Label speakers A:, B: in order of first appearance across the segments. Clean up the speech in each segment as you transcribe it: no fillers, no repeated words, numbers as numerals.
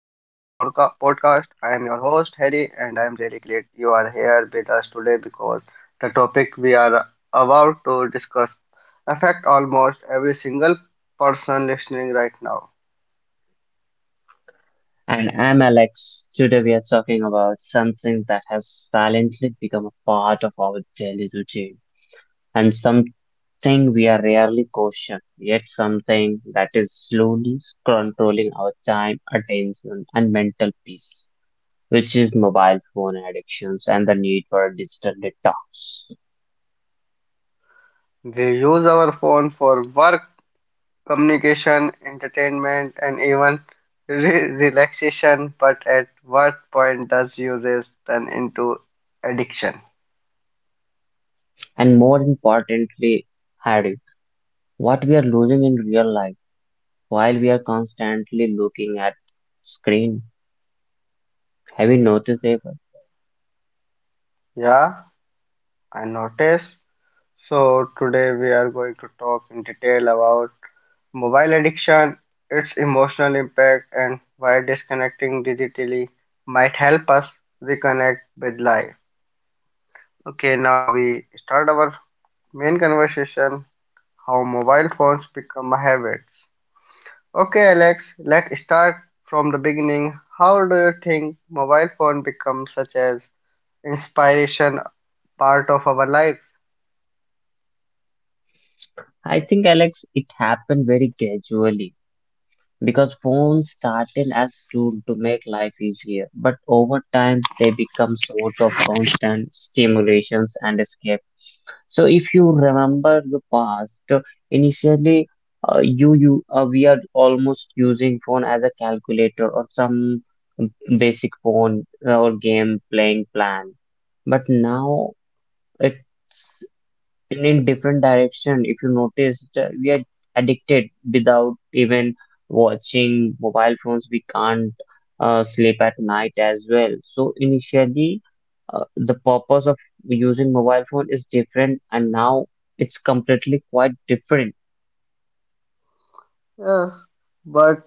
A: I am your host Harry, and I am really glad you are here with us today because the topic we are about to discuss affect almost every single person listening right now.
B: And I'm Alex. Today we are talking about something that has silently become a part of our daily routine and something we are rarely caution, yet something that is slowly controlling our time, attention, and mental peace, which is mobile phone addictions and the need for a digital detox.
A: We use our phone for work, communication, entertainment and even relaxation, but at what point does usage turn into addiction?
B: And more importantly, Harry, what we are losing in real life while we are constantly looking at screen. Have you noticed it?
A: Yeah. I notice. So today we are going to talk in detail about mobile addiction, its emotional impact, and why disconnecting digitally might help us reconnect with life. Okay, now we start our main conversation how mobile phones become habits. Okay, Alex, let's start from the beginning. How do you think mobile phone becomes such as inspiration part of our life?
B: I think, Alex, it happened very gradually because phones started as tool to make life easier, but over time they become source of constant stimulations and escape. So if you remember the past, initially you you we are almost using phone as a calculator or some basic phone or game playing plan, but now it and in different direction if you notice, we are addicted without even watching mobile phones we can't sleep at night as well. So initially, the purpose of using mobile phone is different and now it's completely quite different.
A: Yes, but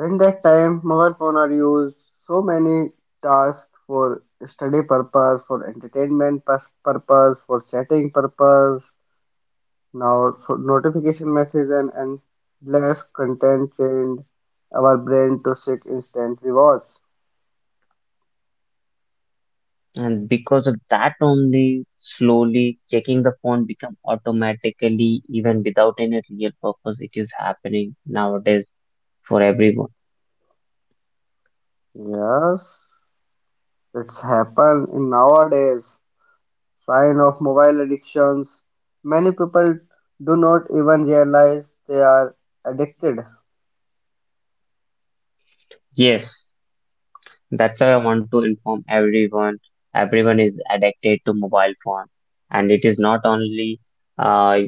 A: in that time, mobile phones are used so many tasks for study purpose, for entertainment purpose, for chatting purpose. Now, so notification message and less content trained our brain to seek instant rewards.
B: And because of that only, slowly checking the phone become automatically even without any real purpose. It is happening nowadays for everyone.
A: Yes, it's happened in nowadays. Sign of mobile addictions. Many people do not even realize they are addicted.
B: Yes. That's why I want to inform everyone. Everyone is addicted to mobile phone, and it is not only uh,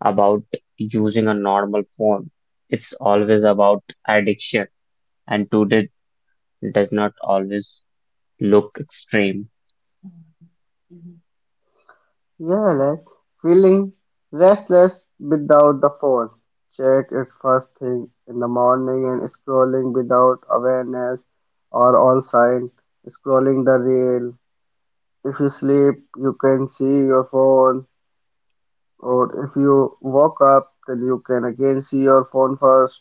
B: about using a normal phone. It's always about addiction, and today does not always look extreme.
A: Yelena, feeling restless without the phone, check it first thing in the morning and scrolling without awareness or on sign, scrolling the reel. If you sleep, you can see your phone, or if you woke up, then you can again see your phone first.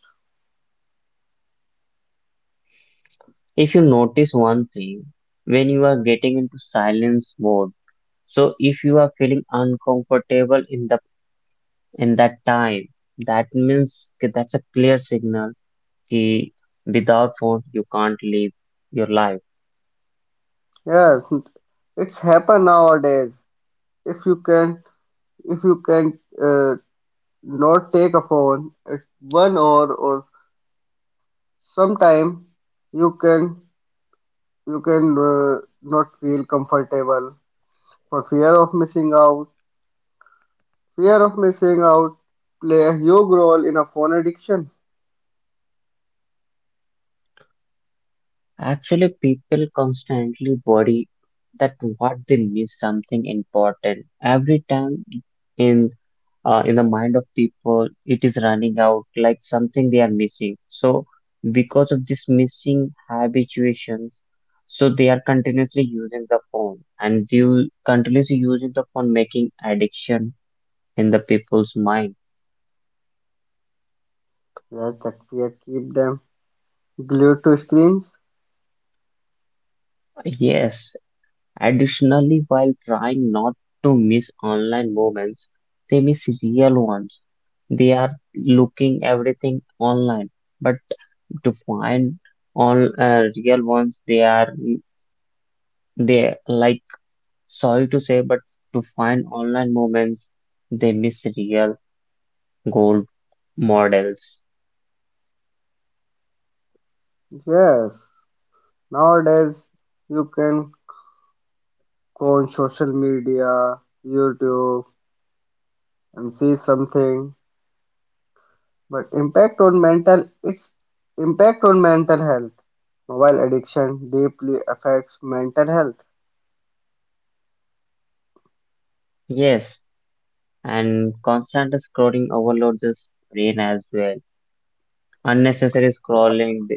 B: If you notice one thing, when you are getting into silence mode, so if you are feeling uncomfortable in the in that time, that means that's a clear signal कि without food you can't live your life.
A: Yes, it's happen nowadays. If you can, if you can not take a phone, it's 1 hour or sometime you can you can not feel comfortable for fear of missing out. Fear of missing out play a huge role in a phone addiction.
B: Actually, people constantly worry that what they miss something important. Every time in, in the mind of people, it is running out like something they are missing. So because of this missing habituations, so they are continuously using the phone and they will continuously using the phone making addiction in the people's mind.
A: Yes, that fear keep them glued to screens.
B: Yes. Additionally, while trying not to miss online moments, they miss real ones. They are looking everything online, but to find all, real ones, they are, they like, sorry to say, but to find online moments, they miss real gold models.
A: Yes, nowadays you can go on social media, YouTube, and see something. But impact on mental, its impact on mental health. Mobile addiction deeply affects mental health.
B: Yes, and constant scrolling overloads the brain as well. Unnecessary
A: Yeah.
B: scrolling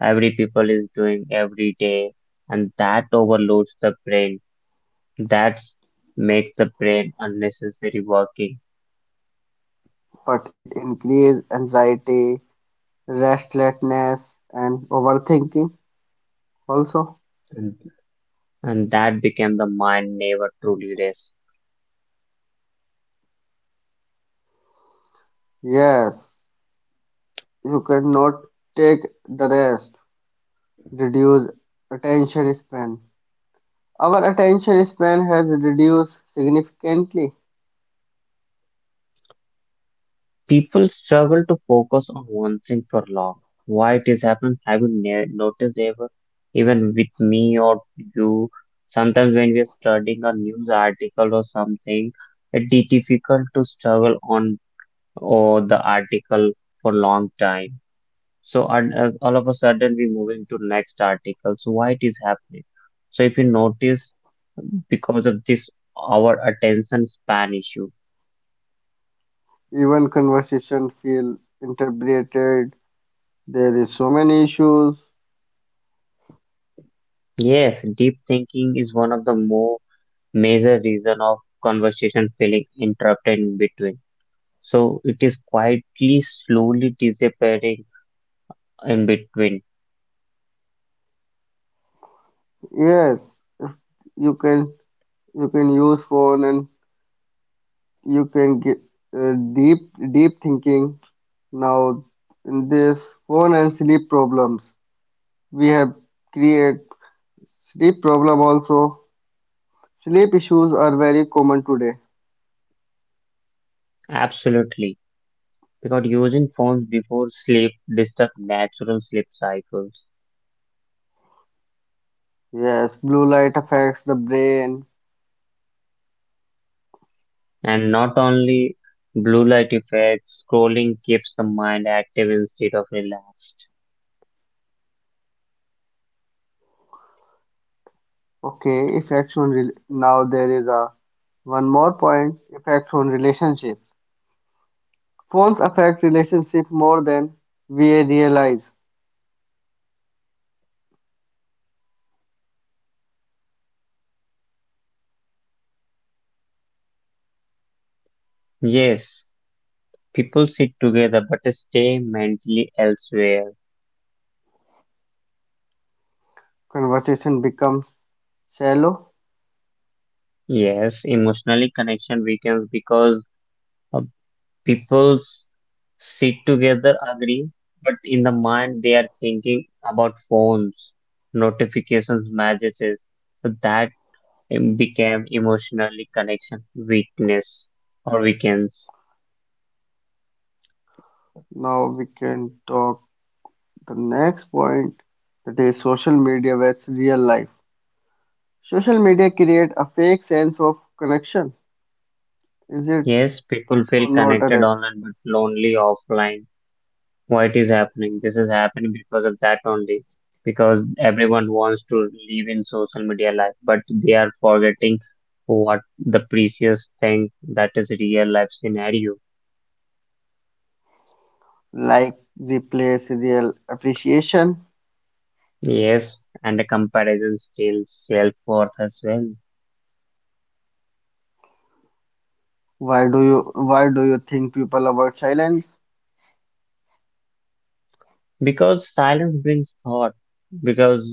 B: every people is doing every day, and that overloads the brain. That's makes the brain unnecessary working
A: But it increases anxiety, restlessness, and overthinking also.
B: and, and that became the mind never truly rests.
A: Yes, you cannot take the rest, reduce attention span. Our attention span has reduced significantly.
B: People struggle to focus on one thing for long. Why it is happening? Have you noticed ever, even with me or you, sometimes when we are studying a news article or something, it is difficult to struggle on or the article for long time. So and, all of a sudden we move into next article. So why it is happening? So if you notice, because of this our attention span issue.
A: Even conversation feel interpreted. There is so many issues.
B: Yes, deep thinking is one of the more major reason of conversation feeling interrupted in between. So it is quietly, slowly disappearing in between.
A: Yes, you can you can use phone and you can get uh, deep deep thinking now in this phone. And sleep problems, we have create sleep problem also. Sleep issues are very common today.
B: Absolutely. Because using phones before sleep disturb natural sleep cycles.
A: Yes, blue light affects the brain.
B: And not only blue light effects, scrolling keeps the mind active instead of relaxed.
A: Okay, effects on rel, now there is a one more point, effects on relationships. Phones affect relationship more than we realize.
B: Yes, people sit together but stay mentally elsewhere.
A: Conversation becomes shallow.
B: Yes, emotionally connection weakens because, uh, people s- sit together, agree, but in the mind they are thinking about phones, notifications, messages. So that, became emotionally connection weakness or weakens.
A: Now we can talk the next point, that is social media versus real life. Social media create a fake sense of connection. Is it
B: Yes, people feel
A: or not,
B: connected
A: Alex?
B: online but lonely offline. Why it is happening? This is happening because of that only. Because everyone wants to live in social media life, but they are forgetting what the precious thing that is real life scenario.
A: Like replace real appreciation.
B: Yes, and the comparison steals self worth as well.
A: Why do you think people avoid silence?
B: Because silence brings thought, because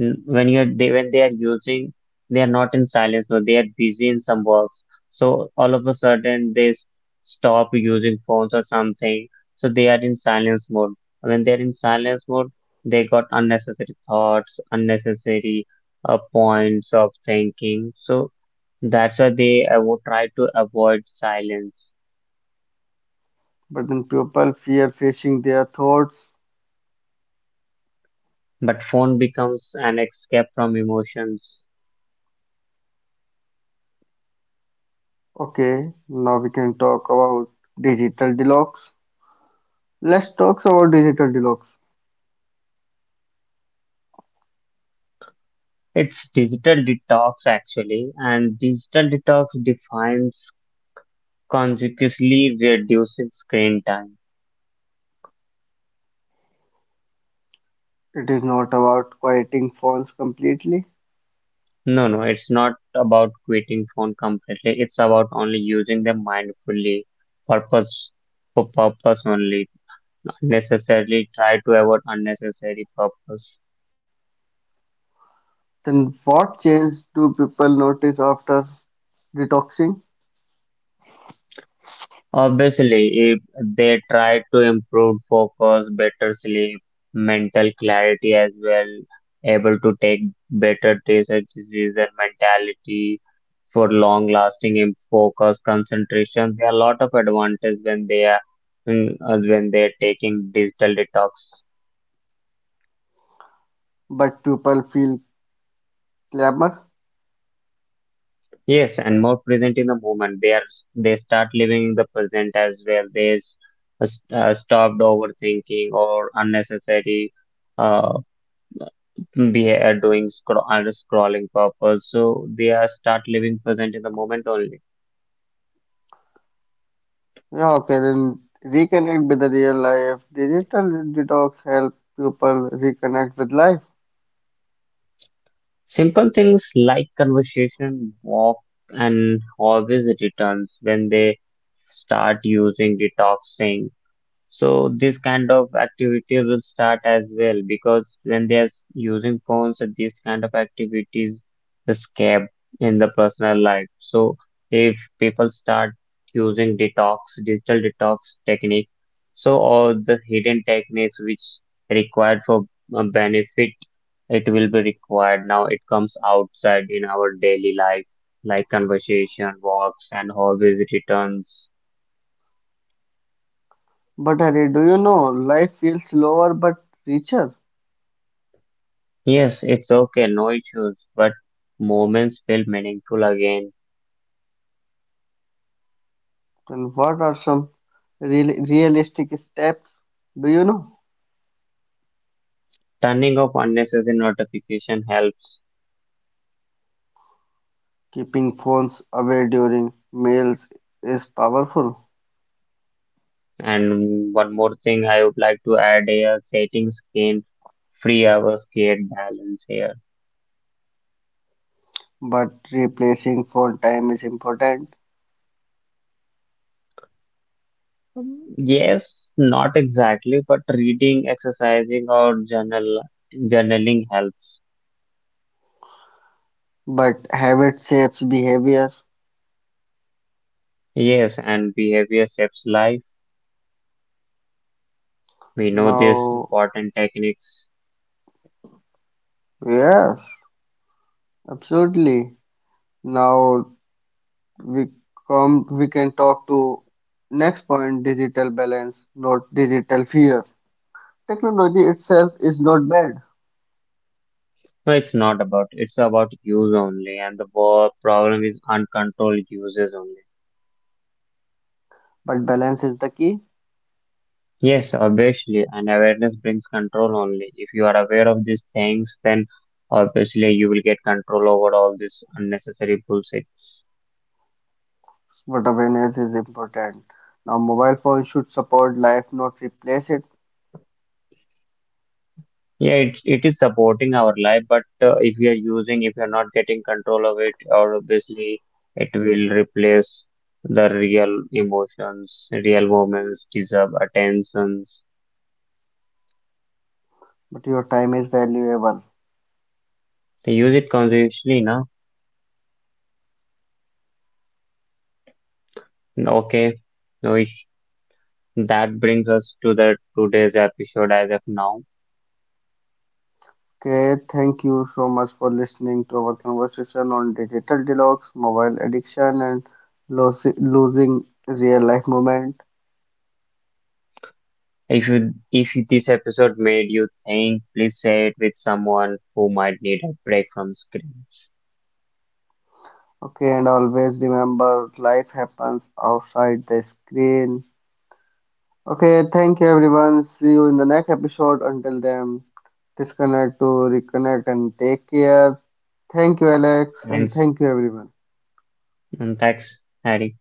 B: when they are using, they are not in silence but they are busy in some works. So all of a sudden stop using phones or something, so they are in silence mode. When they're in silence mode, they got unnecessary thoughts, unnecessary, points of thinking. So that's why they would try to avoid silence,
A: But then people fear facing their thoughts.
B: but phone becomes an escape from emotions.
A: Okay, now we can talk about digital deluxe. Let's talk about digital deluxe.
B: It's digital detox actually, and digital detox defines consequently reducing screen time.
A: It is not about quieting phones completely.
B: No, no, it's not about quitting phone completely. It's about only using them mindfully, purpose for purpose only. Unnecessarily try to avoid unnecessary purpose.
A: Then what change do people notice after detoxing?
B: Obviously, if they try to improve focus, better sleep, mental clarity as well, able to take better decisions and mentality for long lasting focus, concentration, there are a lot of advantages when they are, when they are taking digital detox.
A: But people feel clamor.
B: Yes, and more present in the moment. They are, they start living in the present as well. Stopped overthinking or unnecessary. Uh, They are doing scro- and scrolling purpose, so they are start living present in the moment only.
A: Yeah, okay, then reconnect with the real life. Digital detox help people reconnect with life.
B: Simple things like conversation walk and always returns when they start using detoxing. So this kind of activity will start as well, because when they are using phones, and these kind of activities escape in the personal life. So if people start using detox, digital detox technique, so all the hidden techniques which required for, benefit, it will be required. Now it comes outside in our daily life, like conversation, walks, and hobbies returns.
A: But Harry, do you know life feels slower but richer?
B: Yes, it's okay, no issues, but moments feel meaningful again.
A: And what are some realistic steps? Do you know?
B: Turning off unnecessary notification helps.
A: Keeping phones away during meals is powerful,
B: And one more thing I would like to add here, setting screen free hours create balance here.
A: but replacing phone time is important.
B: Yes, not exactly, but reading, exercising, or journaling helps.
A: But habit shapes behavior.
B: Yes, and behavior shapes life. We know these
A: Now,
B: important techniques.
A: yes, absolutely. Now we we can talk to next point, digital balance, not digital fear. Technology itself is not bad,
B: No, it's not about. It's about use only, and the problem is uncontrolled uses only.
A: but balance is the key.
B: Yes, obviously, and awareness brings control only. If you are aware of these things, then obviously you will get control over all this unnecessary bullshits.
A: But awareness is important. Now, mobile phone should support life, not replace it.
B: Yeah, it is supporting our life, but if we are using, if you are not getting control of it, or obviously it will replace the real emotions, real moments, deserve attentions.
A: But your time is valuable.
B: They use it consciously, na. Okay, which that brings us to the today's episode as of now.
A: Okay, thank you so much for listening to our conversation on digital detox, mobile addiction, and losing real life moment.
B: If this episode made you think, please share it with someone who might need a break from screens.
A: Okay, and always remember life happens outside the screen. Okay, thank you everyone. See you in the next episode. Until then, disconnect to reconnect and take care. Thank you, Alex, and
B: Thanks
A: thank you, everyone.
B: and thanks, Harry.